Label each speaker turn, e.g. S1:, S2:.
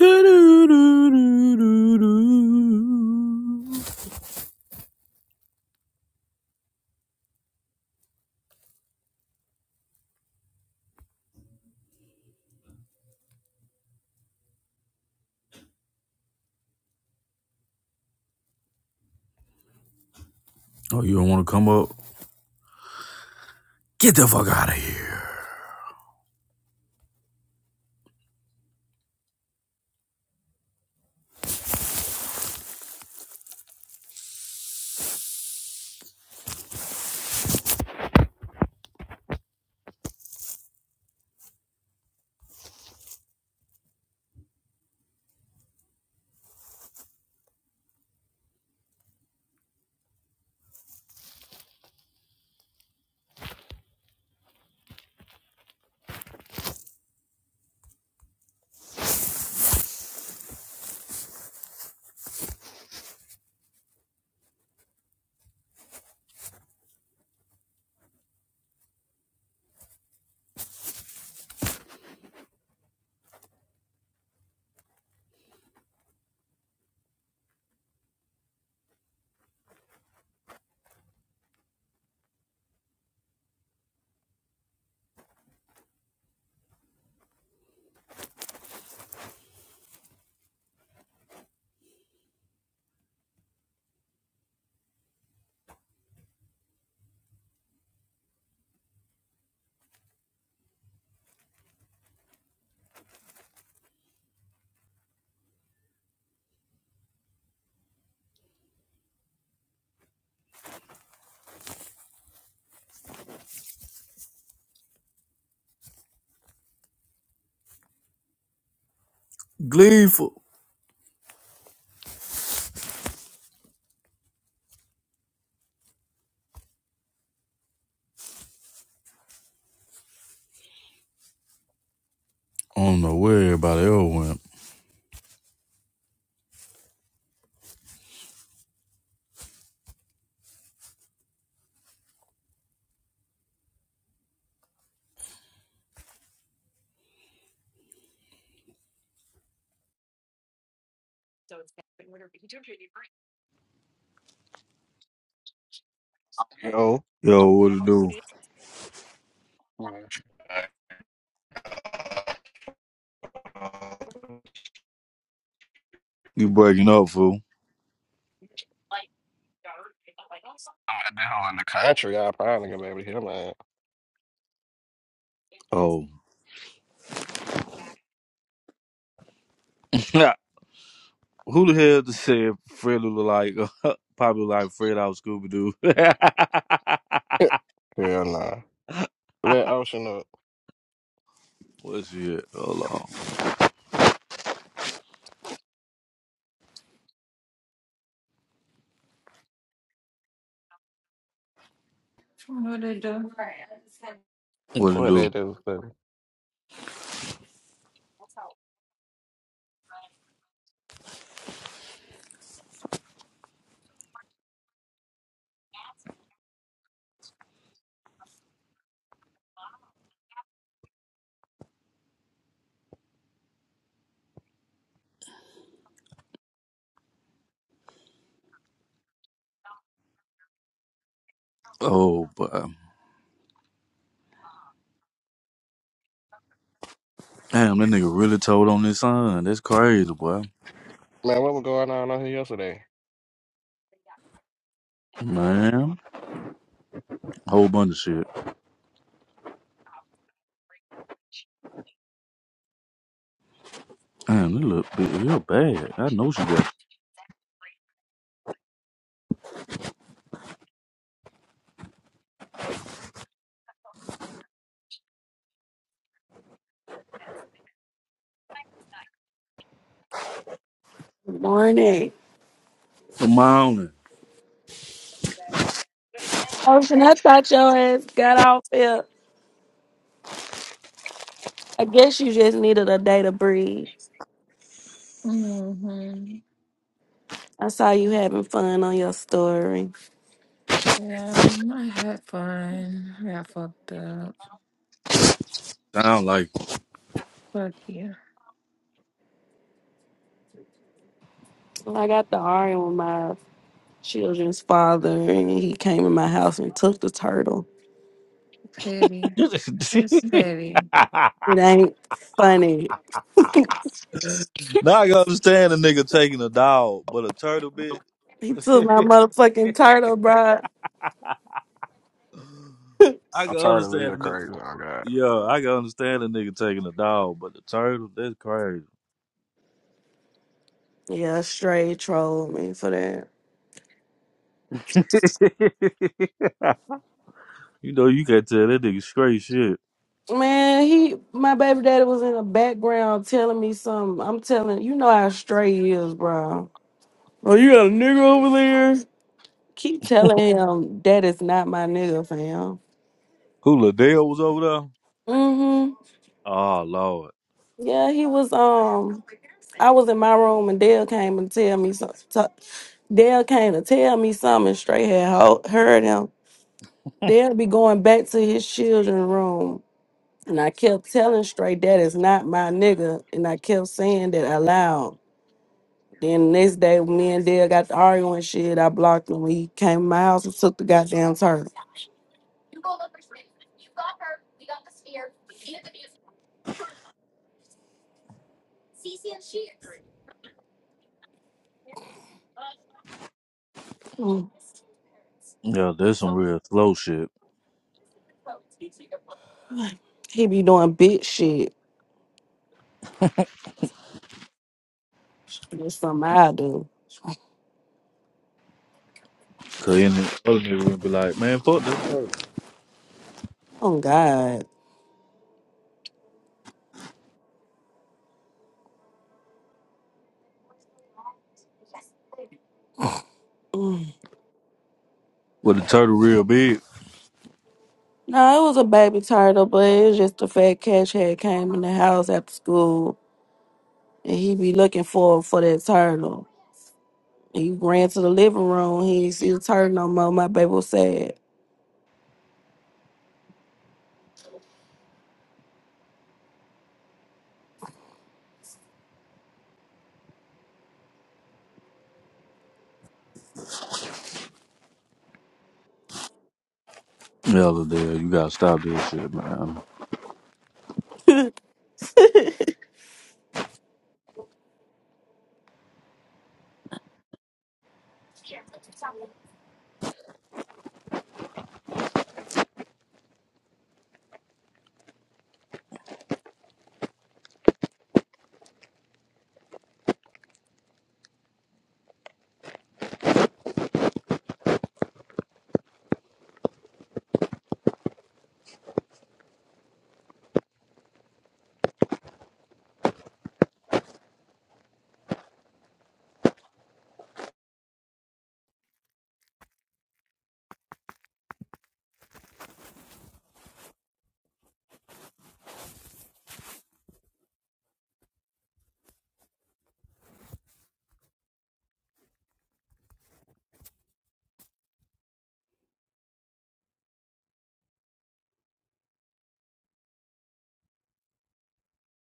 S1: Oh, you don't want to come up? Get the fuck out of here. Gleeful. I don't know where everybody else went.
S2: Yo,
S1: Yo, what it do?
S2: Well, I'm at
S1: You breaking up, fool?
S2: hell in the country. I probably gonna be able to hear my
S1: Oh. Nah, Who the hell just said Fred look like, probably look like Fred out Scooby Doo?
S2: ass. hell nah. Let Ocean up.
S1: What's it? Hold on.
S3: What I do?
S1: What it
S2: What
S1: do?
S2: they do? for me?
S1: Oh, boy. Damn, that nigga really told on his son. That's crazy, boy.
S2: Man, what was going on on here yesterday?
S1: Man. Whole bunch of shit. Damn, you look big. You're bad. I know she bad.
S4: Good morning.
S1: Come on, and
S4: Ocean, I thought your ass got off here. I guess you just needed a day to breathe.
S3: Mm-hmm.
S4: I saw you having fun on your story.
S3: Yeah, I had fun. I fucked up.
S1: sound like.
S3: Fuck you.
S4: Well, I got the arguing with my children's father, and he came in my house and took the turtle.
S3: Pity. That's petty.
S4: It ain't funny.
S1: Now I can understand a nigga taking a dog, but a turtle bit.
S4: He took
S1: I
S4: my motherfucking turtle, bro.
S2: I'm
S1: can
S2: tired of
S1: understand
S2: being
S1: a nigga.
S2: crazy. Oh God.
S1: Yeah, I can understand a nigga taking a dog, but the turtle, that's crazy.
S4: yeah, straight trolled me for that.
S1: You know, you can tell that nigga straight shit.
S4: Man, he, my baby daddy was in the background telling me something. I'm telling you know how straight he is, bro. Oh, you got a nigga over there? Keep telling him that is not my nigga, fam.
S1: Who Liddell was over there?
S4: Mm-hmm.
S1: Oh lord.
S4: Yeah, he was um I was in my room and Dale came and tell me so so- Dale came to tell me something And straight had ho- heard him. Dale be going back to his children's room. And I kept telling straight that is not my nigga. And I kept saying that aloud. Then the next day when me and Dale got to arguing shit. I blocked him. He came to my house and took the goddamn turtle.
S1: Yeah, that's some real slow shit.
S4: He be doing big shit. That's something I do.
S1: Cause any other nigga would be like, man, fuck this turtle.
S4: Oh God. Mm.
S1: With the turtle real big.
S4: No, it was a baby turtle, but it's just the fat catch had came in the house after school and he be looking for for that turtle. He ran to the living room, he didn't see the turtle no more. My baby was sad.
S1: Elder dude, you gotta stop this shit, man.